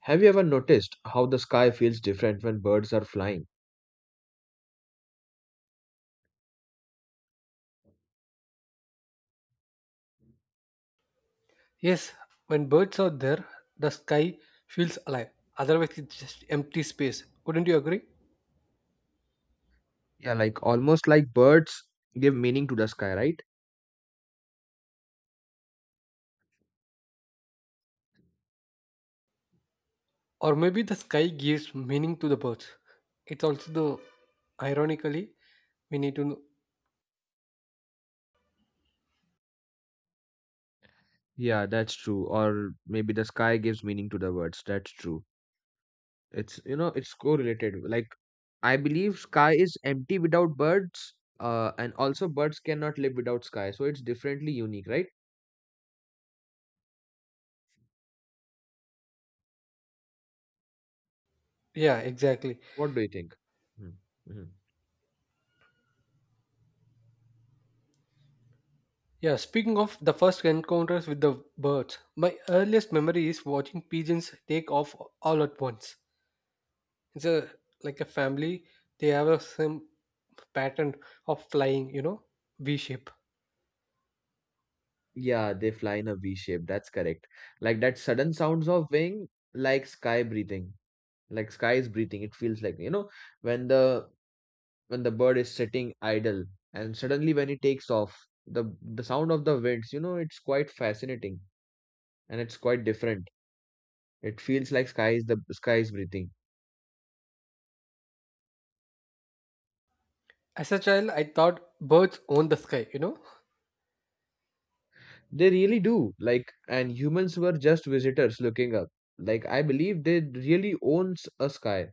Have you ever noticed how the sky feels different when birds are flying? Yes, when birds are there, the sky feels alive. Otherwise, it's just empty space. Wouldn't you agree? Yeah, like almost like birds give meaning to the sky, right? Or maybe the sky gives meaning to the birds. It's also the ironically we need to know. Yeah, that's true. Or maybe the sky gives meaning to the words. That's true. It's correlated. Like, I believe sky is empty without birds, and also birds cannot live without sky. So it's differently unique, right? Yeah, exactly. What do you think? Mm-hmm. Yeah, speaking of the first encounters with the birds, my earliest memory is watching pigeons take off all at once. It's a like a family. They have a same pattern of flying, V shape. Yeah, they fly in a V shape. That's correct. Like that sudden sounds of wing, like sky breathing. Like sky is breathing it feels like you know When the when the bird is sitting idle, and suddenly when it takes off, the sound of the winds, it's quite fascinating and it's quite different. It feels like sky is breathing. As a child, I thought birds own the sky, you know? They really do, like, and humans were just visitors looking up. Like, I believe they really owns a sky.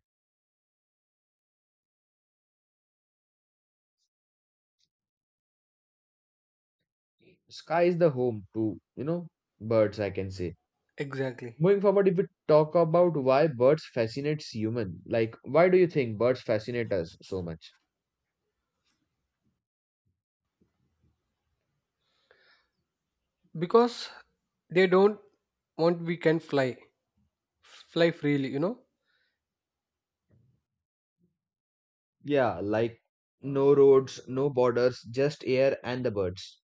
Sky is the home to, birds, I can say. Exactly. Moving forward, if we talk about why birds fascinates human, like why do you think birds fascinate us so much? Because they don't want we can fly. Fly freely, you know? Yeah, like no roads, no borders, just air and the birds.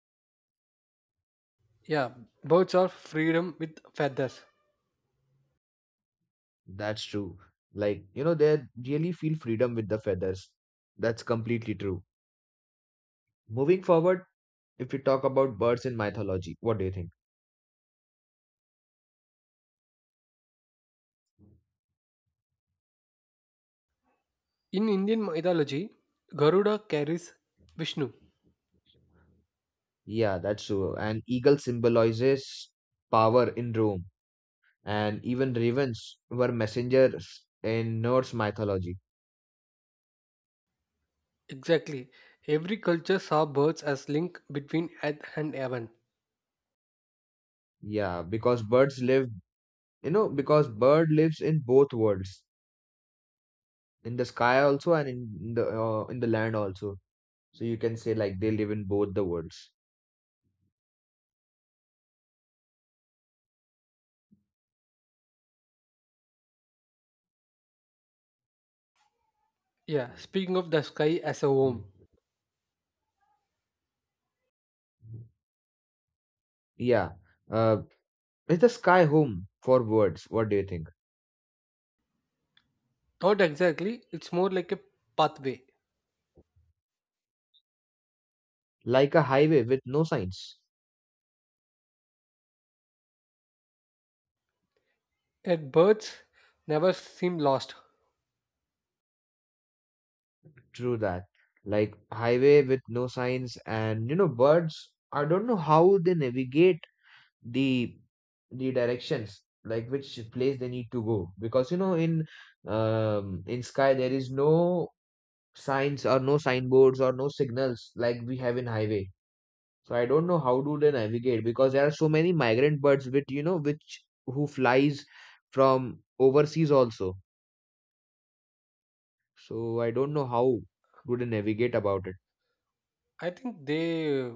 Yeah, birds are freedom with feathers. That's true. They really feel freedom with the feathers. That's completely true. Moving forward, if we talk about birds in mythology, what do you think? In Indian mythology, Garuda carries Vishnu. Yeah, that's true. An eagle symbolizes power in Rome, and even ravens were messengers in Norse mythology. Exactly. Every culture saw birds as link between earth and heaven. Yeah, because birds live, you know, because bird lives in both worlds, in the sky also and in the in the land also. So you can say like they live in both the worlds. Yeah, speaking of the sky as a Mm. home. Yeah. Uh, is the sky home for birds? What do you think? Not exactly, it's more like a pathway. Like a highway with no signs. And birds never seem lost. True that. Like highway with no signs, and you know, birds. I don't know how they navigate the the directions, like which place they need to go, because you know in sky there is no signs or no signboards or no signals like we have in highway. So I don't know how do they navigate, because there are so many migrant birds which, you know, which who flies from overseas also. So I don't know how do they navigate about it. I think they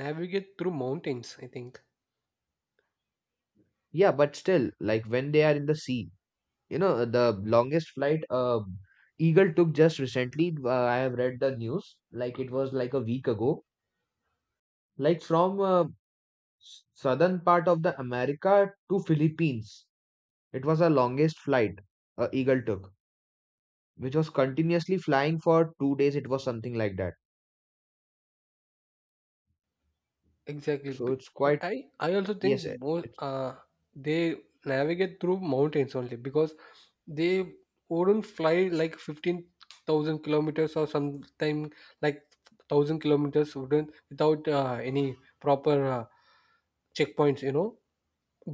navigate through mountains, I think. Yeah, but still like when they are in the sea. You know, the longest flight, Eagle took just recently, I have read the news, like it was like a week ago, like from southern part of the America to Philippines. It was the longest flight, Eagle took, which was continuously flying for 2 days. It was something like that. Exactly. So it's quite, I also think yes, both it's they navigate through mountains only because they wouldn't fly like 15,000 kilometers or sometime like 1,000 kilometers wouldn't without any proper checkpoints, you know.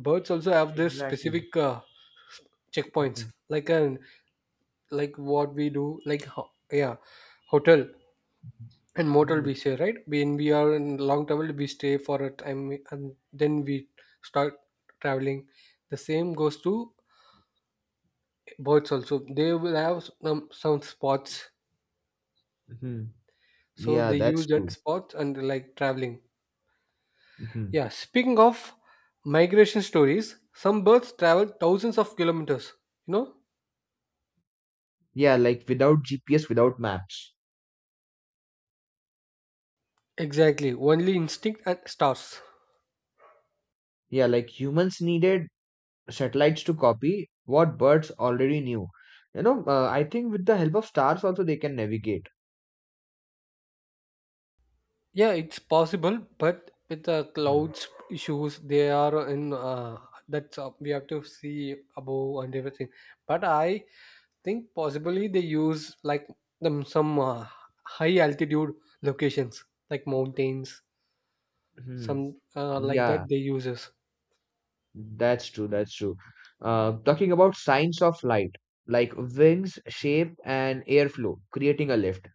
Birds also have their exactly. specific checkpoints, Mhm. Like what we do, like yeah, hotel and mortal Mhm. we say, right? When we are in long travel, we stay for a time and then we start traveling. The same goes to birds also. They will have some spots, Mhm. so Yeah, they that's use that true. spots and like traveling. Hmm. Yeah, speaking of migration stories, some birds travel thousands of kilometers, you know. Yeah, like without GPS, without maps. Exactly, only instinct and stars. Yeah, like humans needed satellites to copy what birds already knew. You know, I think with the help of stars also they can navigate. Yeah, it's possible, but with the Hmm. clouds issues, they are in that's, we have to see above and everything. But I think possibly they use like them some high altitude locations like mountains, Hmm. some like Yeah, that they uses. that's true. That's true. Talking about signs of light, like wings, shape, and airflow, creating a lift,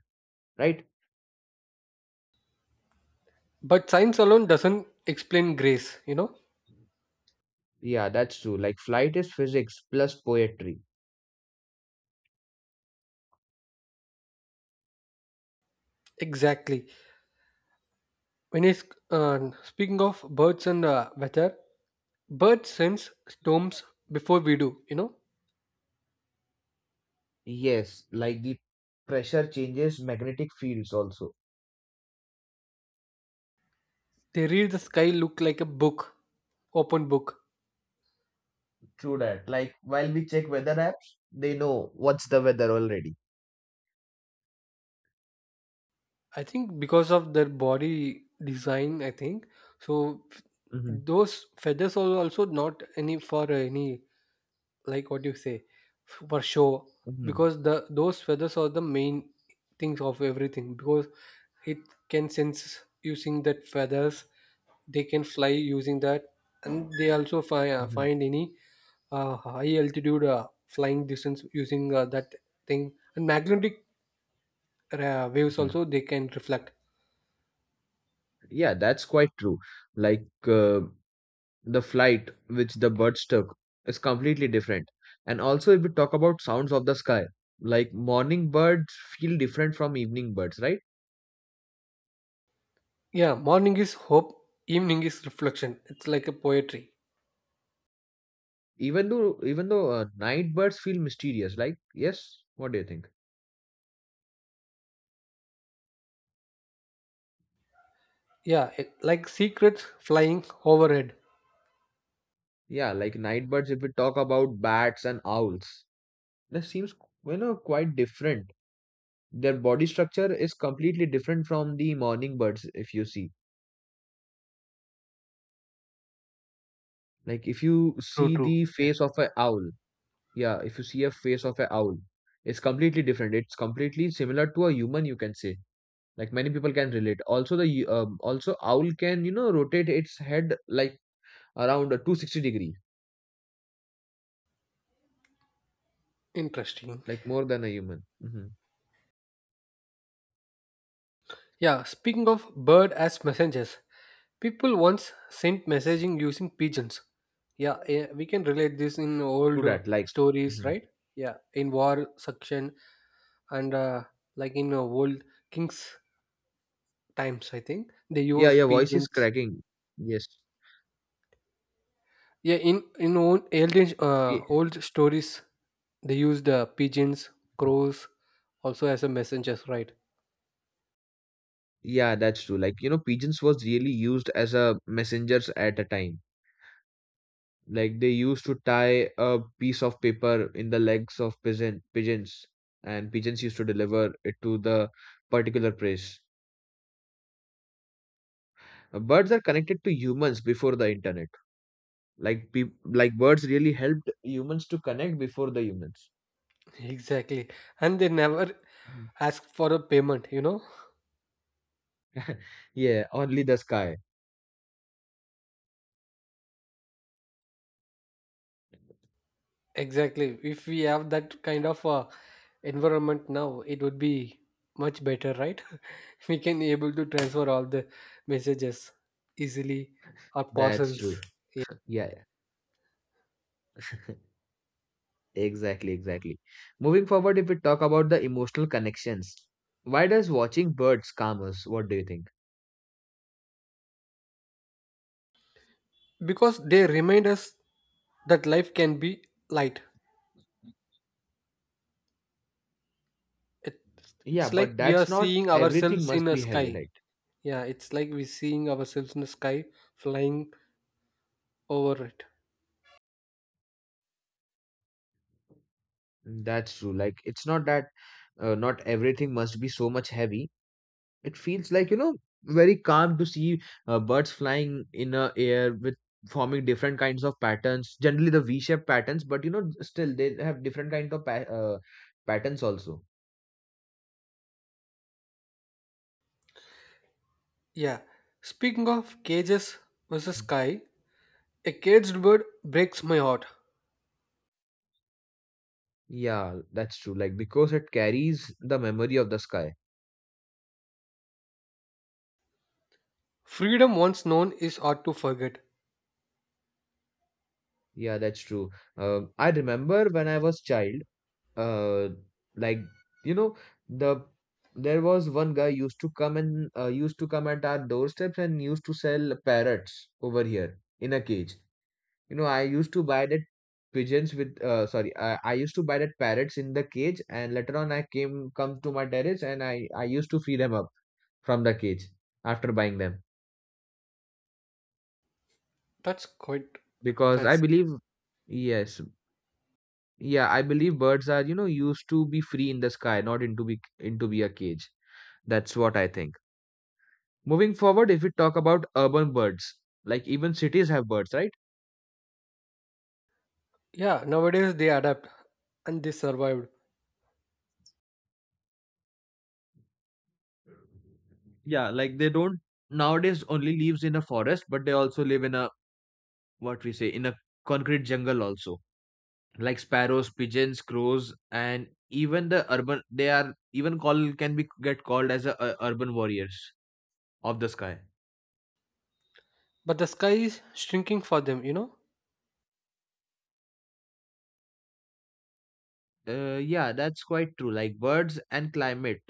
right? But science alone doesn't explain grace, you know. Yeah, that's true. Like flight is physics plus poetry. Exactly. When it's, speaking of birds and weather, birds sense storms before we do, you know. Yes, like the pressure changes, magnetic fields also. They read the sky look like a book, open book. True that. Like while we check weather apps, they know what's the weather already. I think because of their body design, I think so. Mm-hmm. Those feathers are also not any for any, like what you say, for show, Mm-hmm. because the those feathers are the main things of everything, because it can sense using that feathers, they can fly using that, and they also find any high altitude flying distance using that thing, and magnetic waves Mhm. also they can reflect. Yeah, that's quite true. Like the flight which the birds took is completely different. And also, if we talk about sounds of the sky, like morning birds feel different from evening birds, right? Yeah, morning is hope, evening is reflection. It's like a poetry. Even though night birds feel mysterious, like, yes, what do you think? Yeah, it, like secrets flying overhead. Yeah, like night birds. If we talk about bats and owls, that seems, you know, quite different. Their body structure is completely different from the morning birds. If you see, like if you True, see true. the Yeah. face of an owl. Yeah, if you see a face of a owl, it's completely different. It's completely similar to a human, you can say. Like many people can relate. Also, also owl can, you know, rotate its head like around a 260-degree, Interesting. like more than a human. Mm-hmm. Yeah, speaking of bird as messengers, people once sent messaging using pigeons. Yeah, we can relate this in Through old that, like. stories, Mhm. right? Yeah, in war section, and like in old kings times, I think they Yeah, use your voice is pigeons. cracking. Yes. Yeah, in Ye-. Old stories, they used pigeons, crows, also as a messengers, right? Yeah, that's true. Like, you know, pigeons was really used as a messengers at a time. Like they used to tie a piece of paper in the legs of pigeons, and pigeons used to deliver it to the particular place. Birds are connected to humans before the internet. Like peop like birds really helped humans to connect before the humans. Exactly, and they never Mhm. ask for a payment. You know, Yeah, only the sky. exactly. If we have that kind of environment now, it would be much better, right? We can able to transfer all the messages easily, or That's parcels, true. Yeah, yeah. Exactly, exactly. Moving forward, if we talk about the emotional connections, why does watching birds calm us? What do you think? because they remind us that life can be light. It Yeah, it's like but we are that's not seeing everything ourselves in must a be heavy, sky. right? Yeah, it's like we're seeing ourselves in the sky flying over it. That's true. Like it's not that not everything must be so much heavy. It feels like, you know, very calm to see birds flying in a air, with forming different kinds of patterns, generally the V-shaped patterns, but you know, still they have different kind of patterns also. Yeah. Speaking of cages versus sky, a caged bird breaks my heart. Yeah, that's true. Like because it carries the memory of the sky. Freedom once known is hard to forget. Yeah, that's true. I remember when I was child, uh like, you know, the there was one guy used to come and used to come at our doorsteps and used to sell parrots over here in a cage. You know, I used to buy that pigeons with sorry, I used to buy that parrots in the cage, and later on I came come to my terrace and I used to free them up from the cage after buying them. That's quite Because I fancy. believe, yes, yeah, I believe birds are, you know, used to be free in the sky, not into be into be a cage. That's what I think. Moving forward, if we talk about urban birds, like even cities have birds, right? Yeah, nowadays they adapt and they survived. Yeah, like they don't nowadays only lives in a forest, but they also live in a, what we say, in a concrete jungle also. Like sparrows, pigeons, crows, and even the urban, they are even call can be get called as a, urban warriors of the sky. But the sky is shrinking for them, you know? Yeah, that's quite true. Like birds and climate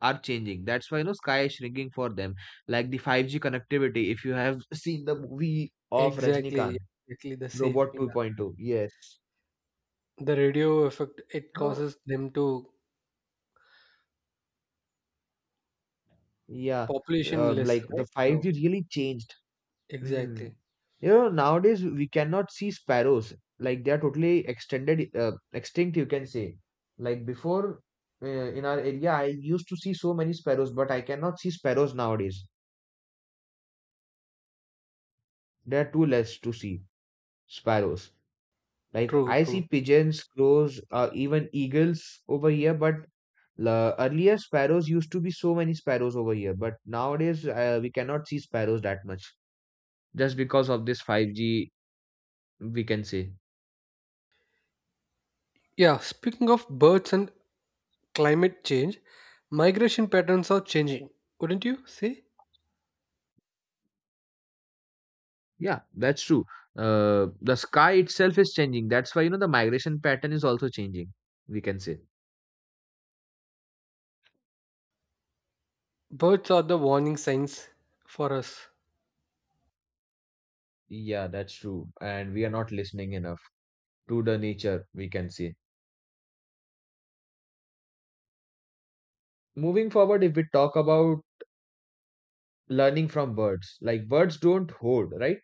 are changing. That's why, you know, sky is shrinking for them. Like the 5G connectivity. If you have seen the movie of Rajnikant, Exactly, exactly the same. Robot Yeah. 2.2, yes, The radio effect it no. causes them to Yeah, population less, like the right? Now. 5G really changed. Mm. Exactly. You know, nowadays we cannot see sparrows. Like they are totally extended, extinct, you can say. Like before, in our area, I used to see so many sparrows, but I cannot see sparrows nowadays. There are too less to see sparrows. Like True, I see true. pigeons, crows, even eagles over here, but la earlier sparrows used to be so many sparrows over here, but nowadays we cannot see sparrows that much, just because of this 5G, we can say. Yeah, speaking of birds and climate change, migration patterns are changing, wouldn't you say? Yeah, that's true. The sky itself is changing. That's why, you know, the migration pattern is also changing, we can say. Birds are the warning signs for us. Yeah, that's true. And we are not listening enough to the nature, we can say. Moving forward, if we talk about learning from birds, like birds don't hoard, right?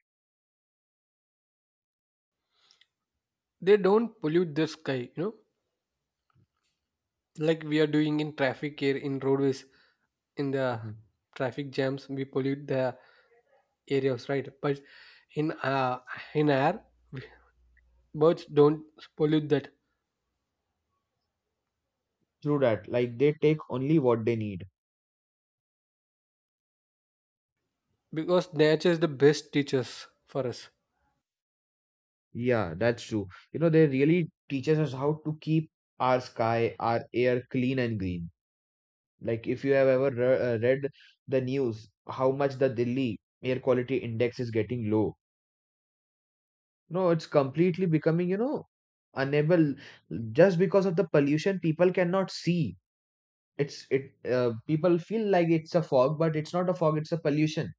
They don't pollute the sky, you know, like we are doing in traffic air in roadways, in the Mhm. traffic jams, we pollute the areas, right? But in air, birds don't pollute that, True that. Like they take only what they need. because nature is the best teachers for us. Yeah, that's true. You know, they really teaches us how to keep our sky, our air clean and green. Like if you have ever read the news, how much the Delhi air quality index is getting low. No, it's completely becoming, you know, unable, just because of the pollution. People cannot see. It's it. People feel like it's a fog, but it's not a fog. It's a pollution.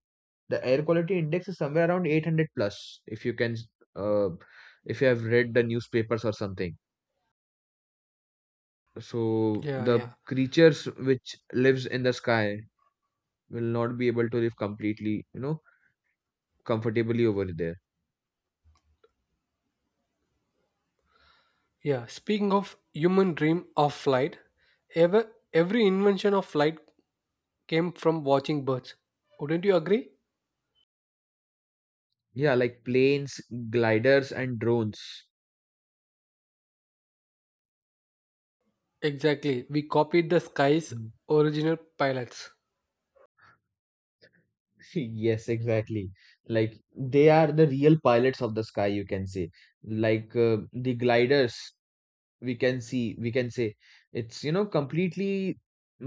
The air quality index is somewhere around 800 plus, if you can uh, if you have read the newspapers or something. So Yeah, the yeah. creatures which lives in the sky will not be able to live completely, you know, comfortably over there. Yeah, speaking of human dream of flight, every invention of flight came from watching birds. Wouldn't you agree? Yeah, like planes, gliders and drones. Exactly. We copied the sky's Mm. original pilots. Yes, exactly, like they are the real pilots of the sky, you can say. Like the gliders, we can see, we can say, it's, you know, completely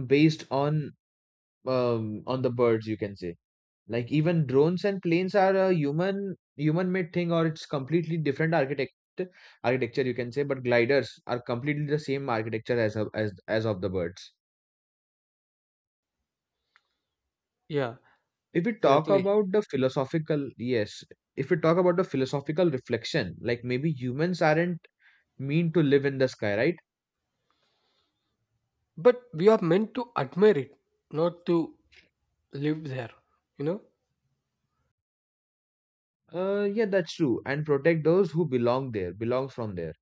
based on the birds, you can say. Like even drones and planes are a human made thing, or it's completely different architecture, you can say, but gliders are completely the same architecture as as of the birds. Yeah, If we talk exactly. about the philosophical, yes, if we talk about the philosophical reflection, like maybe humans aren't mean to live in the sky, right? But we are meant to admire it, not to live there. You know? Yeah, that's true, and protect those who belong from there.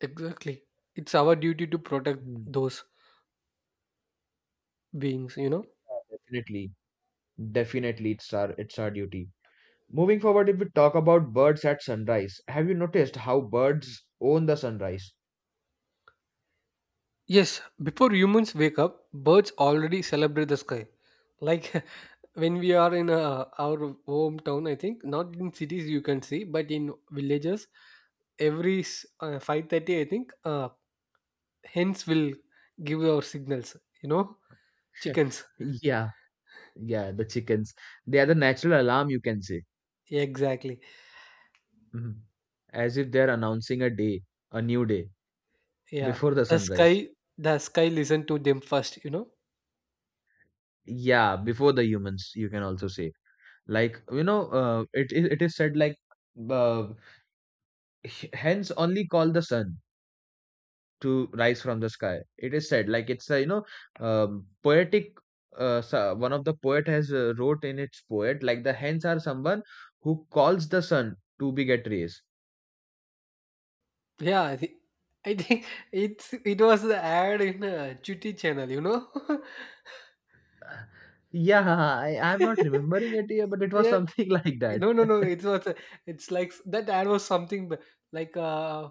Exactly. It's our duty to protect Hmm. those beings, you know? Yeah, definitely it's our duty. Moving forward, if we talk about birds at sunrise, have you noticed how birds own the sunrise? Yes, before humans wake up, birds already celebrate the sky. Like, when we are in our hometown, I think not in cities you can see, but in villages, every 5:30, I think, hens will give our signals. You know, chickens. Yeah, yeah, the chickens. They are the natural alarm, you can say. Yeah, exactly. Mhm. As if they're announcing a day, a new day, Yeah, before the the sunrise. sky, the sky listen to them first. You know. Yeah, before the humans, you can also say. Like, you know, it is said like uh, hence only call the sun to rise from the sky. It is said like it's a, you know, poetic. One of the poet has wrote in its poet like the hens are someone who calls the sun to be get rays. Yeah, I think it was the ad in Chutti channel. You know. Uh, Yeah, I'm not remembering it here, but it was Yeah, something like that. no, no, no, it's not it's like that ad was something like,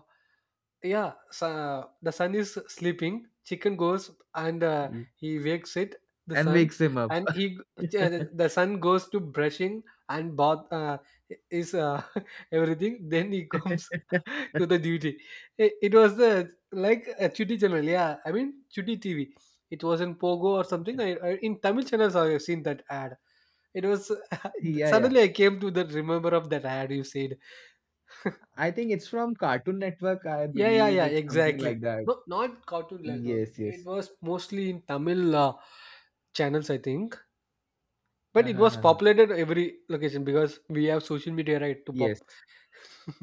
yeah, so the sun is sleeping, chicken goes and, he wakes it, the And sun, wakes him up. and he, the sun goes to brushing and bath, is, everything, then he comes to the duty. It was the like a chutti channel, yeah, I mean chutti tv. It was in pogo or something. I in tamil channels I have seen that ad. It was Yeah, yeah. suddenly I came to the remember of that ad you said. I think it's from Cartoon Network. I Yeah, yeah, believe yeah, it's something exactly. like that. No, not Cartoon Network. Yes, It yes. was mostly in Tamil channels, I think. But it Uh-huh, was uh-huh. populated every location because we have social media, right, to Yes, pop.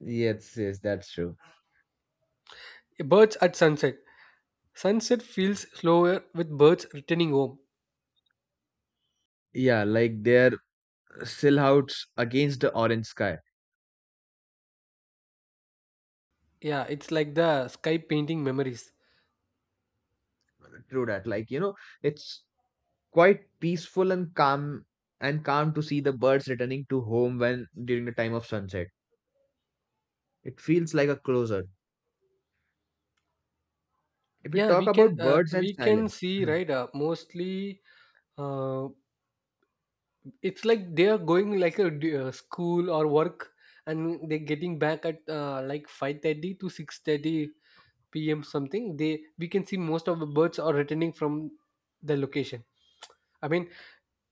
yes, yes, that's true. Birds at sunset. Sunset feels slower with birds returning home. Yeah, like they're silhouettes against the orange sky. Yeah, it's like the sky painting memories. True that. Like, you know, it's quite peaceful and calm to see the birds returning to home when during the time of sunset. It feels like a closer. If we Yeah, talk we can about uh, birds and we can silence. see, Mhm. right, mostly, uh, it's like they are going like a school or work, and they're getting back at, like 5:30 to 6:30 p.m. something they we can see. Most of the birds are returning from the location, I mean,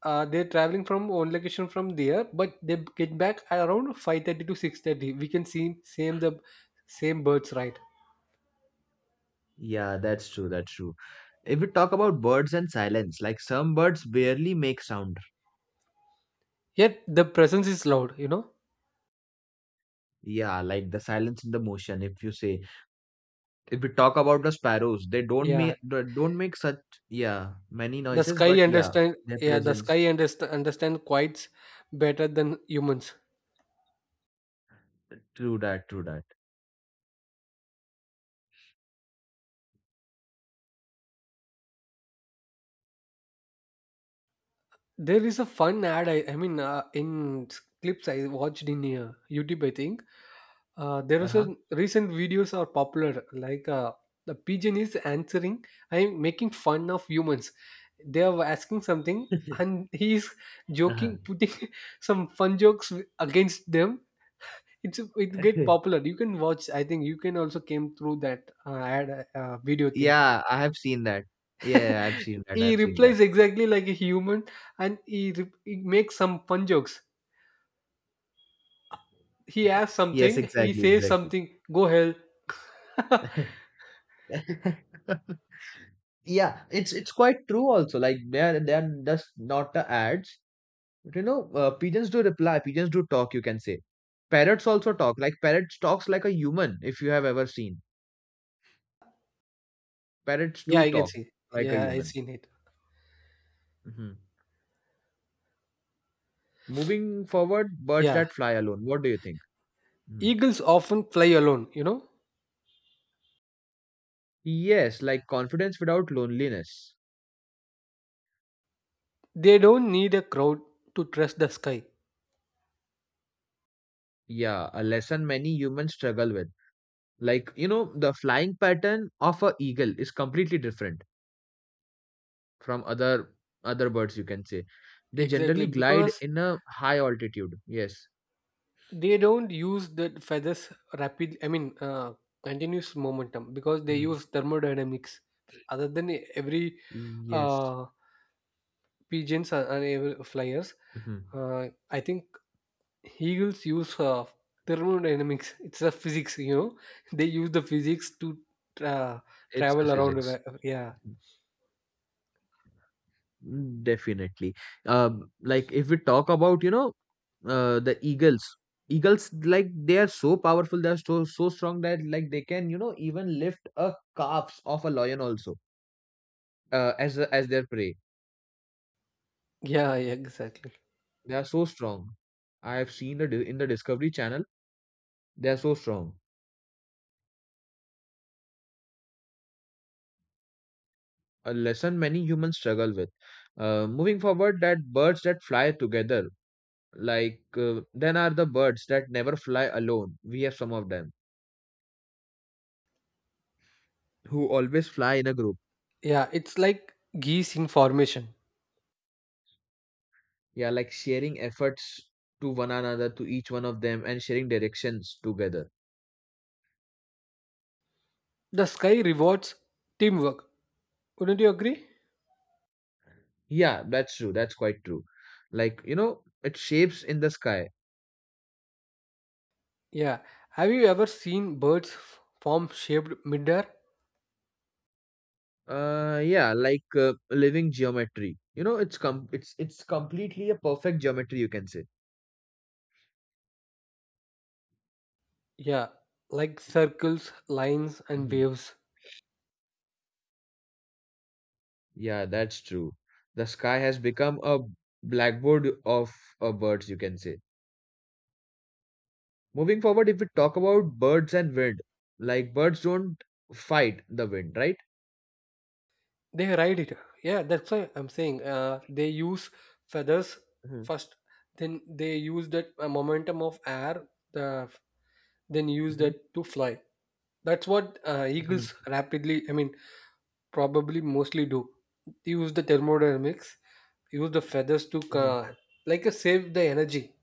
they're traveling from one location from there, but they get back around 5:30 to 6:30, we can see same the same birds, right? Yeah, that's true, that's true. If we talk about birds and silence, like some birds barely make sound. Yet the presence is loud, you know. Yeah, like the silence in the motion, if you say. If we talk about the sparrows, they Yeah, don't make such, yeah, many the noises, sky but yeah, understand. their Yeah, the presence. sky understand quite better than humans. True that, true that. There is a fun ad. I mean, in clips I watched in YouTube, I think, there is Uh-huh. a recent videos are popular. Like, the pigeon is answering. I'm making fun of humans. They are asking something, and he is Uh-huh. joking, putting some fun jokes against them. It get popular. You can watch. I think you can also came through that ad, video thing. Yeah, I have seen that. Yeah, yeah, I've seen that. He I've seen that. replies exactly like a human, and he makes some fun jokes. He asks Yes, something, he exactly, says exactly. something, go hell. Yeah, it's quite true also. Like they are just not the ads. But you know, pigeons do reply. Pigeons do talk. You can say parrots also talk. Like parrots talks like a human. If you have ever seen parrots Yeah, do I can talk see. like a Yeah, I human. seen it. Hmm. Moving forward, birds Yeah. that fly alone. What do you think? Hmm. Eagles often fly alone, you know? Yes, like confidence without loneliness. They don't need a crowd to trust the sky. Yeah, a lesson many humans struggle with. Like, you know, the flying pattern of a eagle is completely different from other birds you can say. They Exactly, generally glide because in a high altitude. Yes. they don't use the feathers rapid, I mean, continuous momentum, because they Mm. use thermodynamics. Other than every Yes. uh, pigeons, and every flyers, Hmm. I think Hegel's use of thermodynamics, it's a physics, you know, they use the physics to uh, It's a travel around. Physics. Yeah, Mm. Definitely. Like if we talk about, you know, the eagles, like they are so powerful, they are so strong that like they can, you know, even lift a calves of a lion also, as their prey. yeah, yeah, exactly. They are so strong. I have seen the in the discovery channel, they are so strong. A lesson many humans struggle with. Moving forward, that birds that fly together, then are the birds that never fly alone. We have some of them who always fly in a group. Yeah, it's like geese in formation. Yeah, like sharing efforts to one another, to each one of them, and sharing directions together. The sky rewards teamwork. Wouldn't you agree? Yeah, that's true. That's quite true. Like, you know, it shapes in the sky. Yeah. Have you ever seen birds form shaped midair? Yeah, like living geometry. You know, it's completely a perfect geometry, you can say. Yeah, like circles, lines, and Mhm. waves. Yeah, that's true. The sky has become a blackboard of birds, you can say. Moving forward, if we talk about birds and wind, like birds don't fight the wind, right? They ride it. Yeah, that's why I'm saying, they use feathers Mhm. first, then they use that momentum of air, the, then use that to fly. That's what, eagles Mhm. rapidly, I mean, probably mostly do. Use the thermodynamics, use the feathers to, Mhm. Like, save the energy.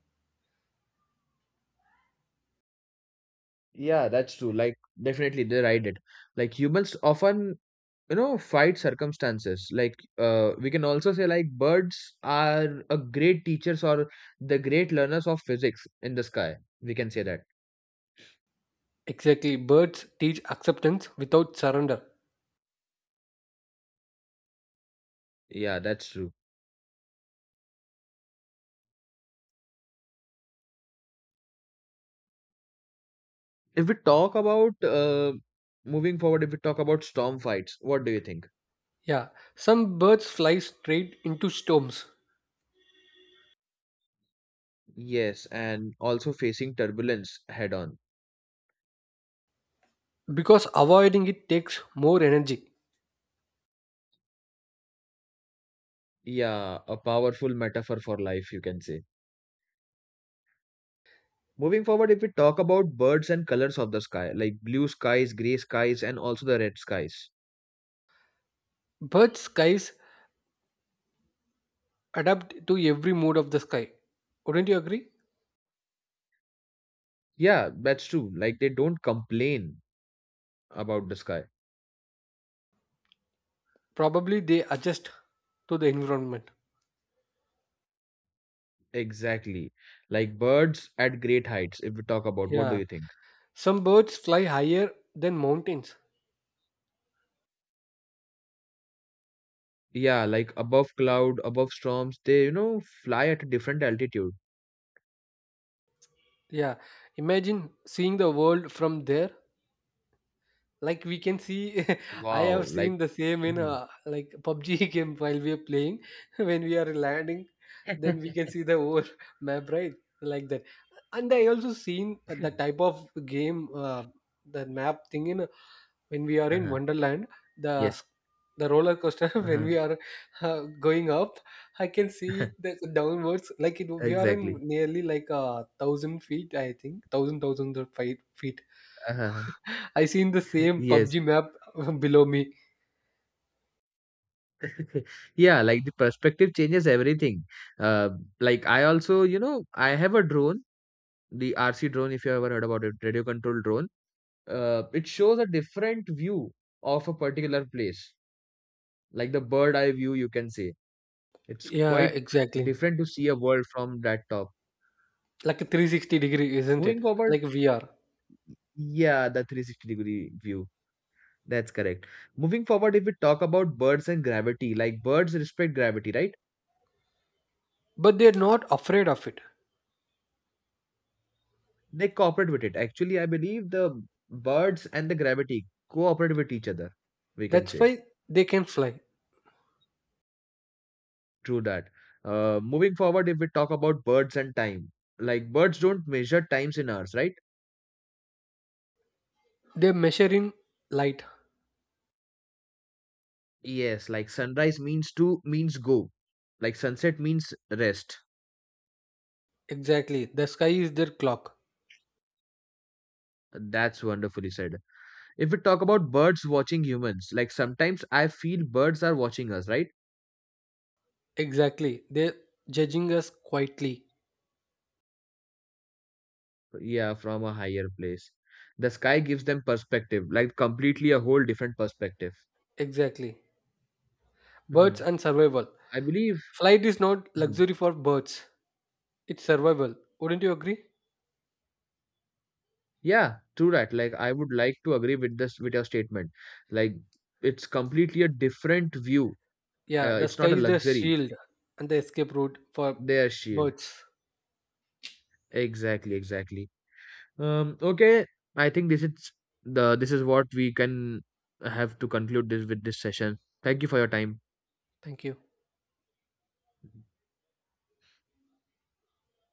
Yeah, that's true. Like, definitely they ride it. Like, humans often, you know, fight circumstances. Like, we can also say, like, birds are a great teachers or the great learners of physics in the sky. We can say that. Exactly. Birds teach acceptance without surrender. Yeah, that's true. If we talk about, moving forward, if we talk about storm fights, what do you think? Yeah, some birds fly straight into storms Yes, and also facing turbulence head on. because avoiding it takes more energy. Yeah, a powerful metaphor for life, you can say. Moving forward, if we talk about birds and colors of the sky, like blue skies, gray skies, and also the red skies. Bird skies adapt to every mood of the sky. Wouldn't you agree? Yeah, that's true. Like they don't complain about the sky. Probably they adjust to the environment. Exactly. Like birds at great heights, if we talk about, what do Yeah. you think? Some birds fly higher than mountains. Yeah, like above cloud, above storms, they, you know, fly at a different altitude. Yeah. Imagine seeing the world from there. Like, we can see, I have Wow, like seen the same in, mhm. Like pubg game while we are playing. When we are landing, then we can see the whole map, right, like that. And I also seen, the type of game, the map thing in, when we are in Uh-huh. wonderland, the Yes. s- the roller coaster, when Uh-huh. we are, uh, going up, I can see the downwards, like it we are in Exactly. nearly like a 1,000 feet, I think thousand feet. Uh-huh. I seen the same Yes. PUBG map below me. Yeah, like the perspective changes everything. uh, like I also, you know, I have a drone, the RC drone, if you ever heard about it, radio control drone. It shows a different view of a particular place, like the bird eye view, you can say. It's Yeah, quite exactly. different to see a world from that top. Like a 360 degree, isn't Moving it? forward, Like VR. yeah, the 360-degree view, that's correct. Moving forward, if we talk about birds and gravity, like birds respect gravity, right? But they're not afraid of it. They cooperate with it. Actually, I believe the birds and the gravity cooperate with each other. We can That's say why they can fly. true that. Moving forward, if we talk about birds and time, like birds don't measure times in hours, right? They're measuring light. Yes, like sunrise means to means go, like sunset means rest. Exactly. The sky is their clock. That's wonderfully said. If we talk about birds watching humans, like sometimes I feel birds are watching us, right? Exactly. They're judging us quietly. Yeah, from a higher place. The sky gives them perspective, like completely a whole different perspective. Exactly. Birds and survival. I believe. Flight is not Mhm. luxury for birds. It's survival. Wouldn't you agree? Yeah, true that. Like I would like to agree with this, with your statement. Like it's completely a different view. Yeah, the It's sky not a is the luxury. shield and the escape route for Their shield. birds. Exactly, exactly. Okay, I think this is the this is what we can have to conclude this with this session. Thank you for your time. Thank you.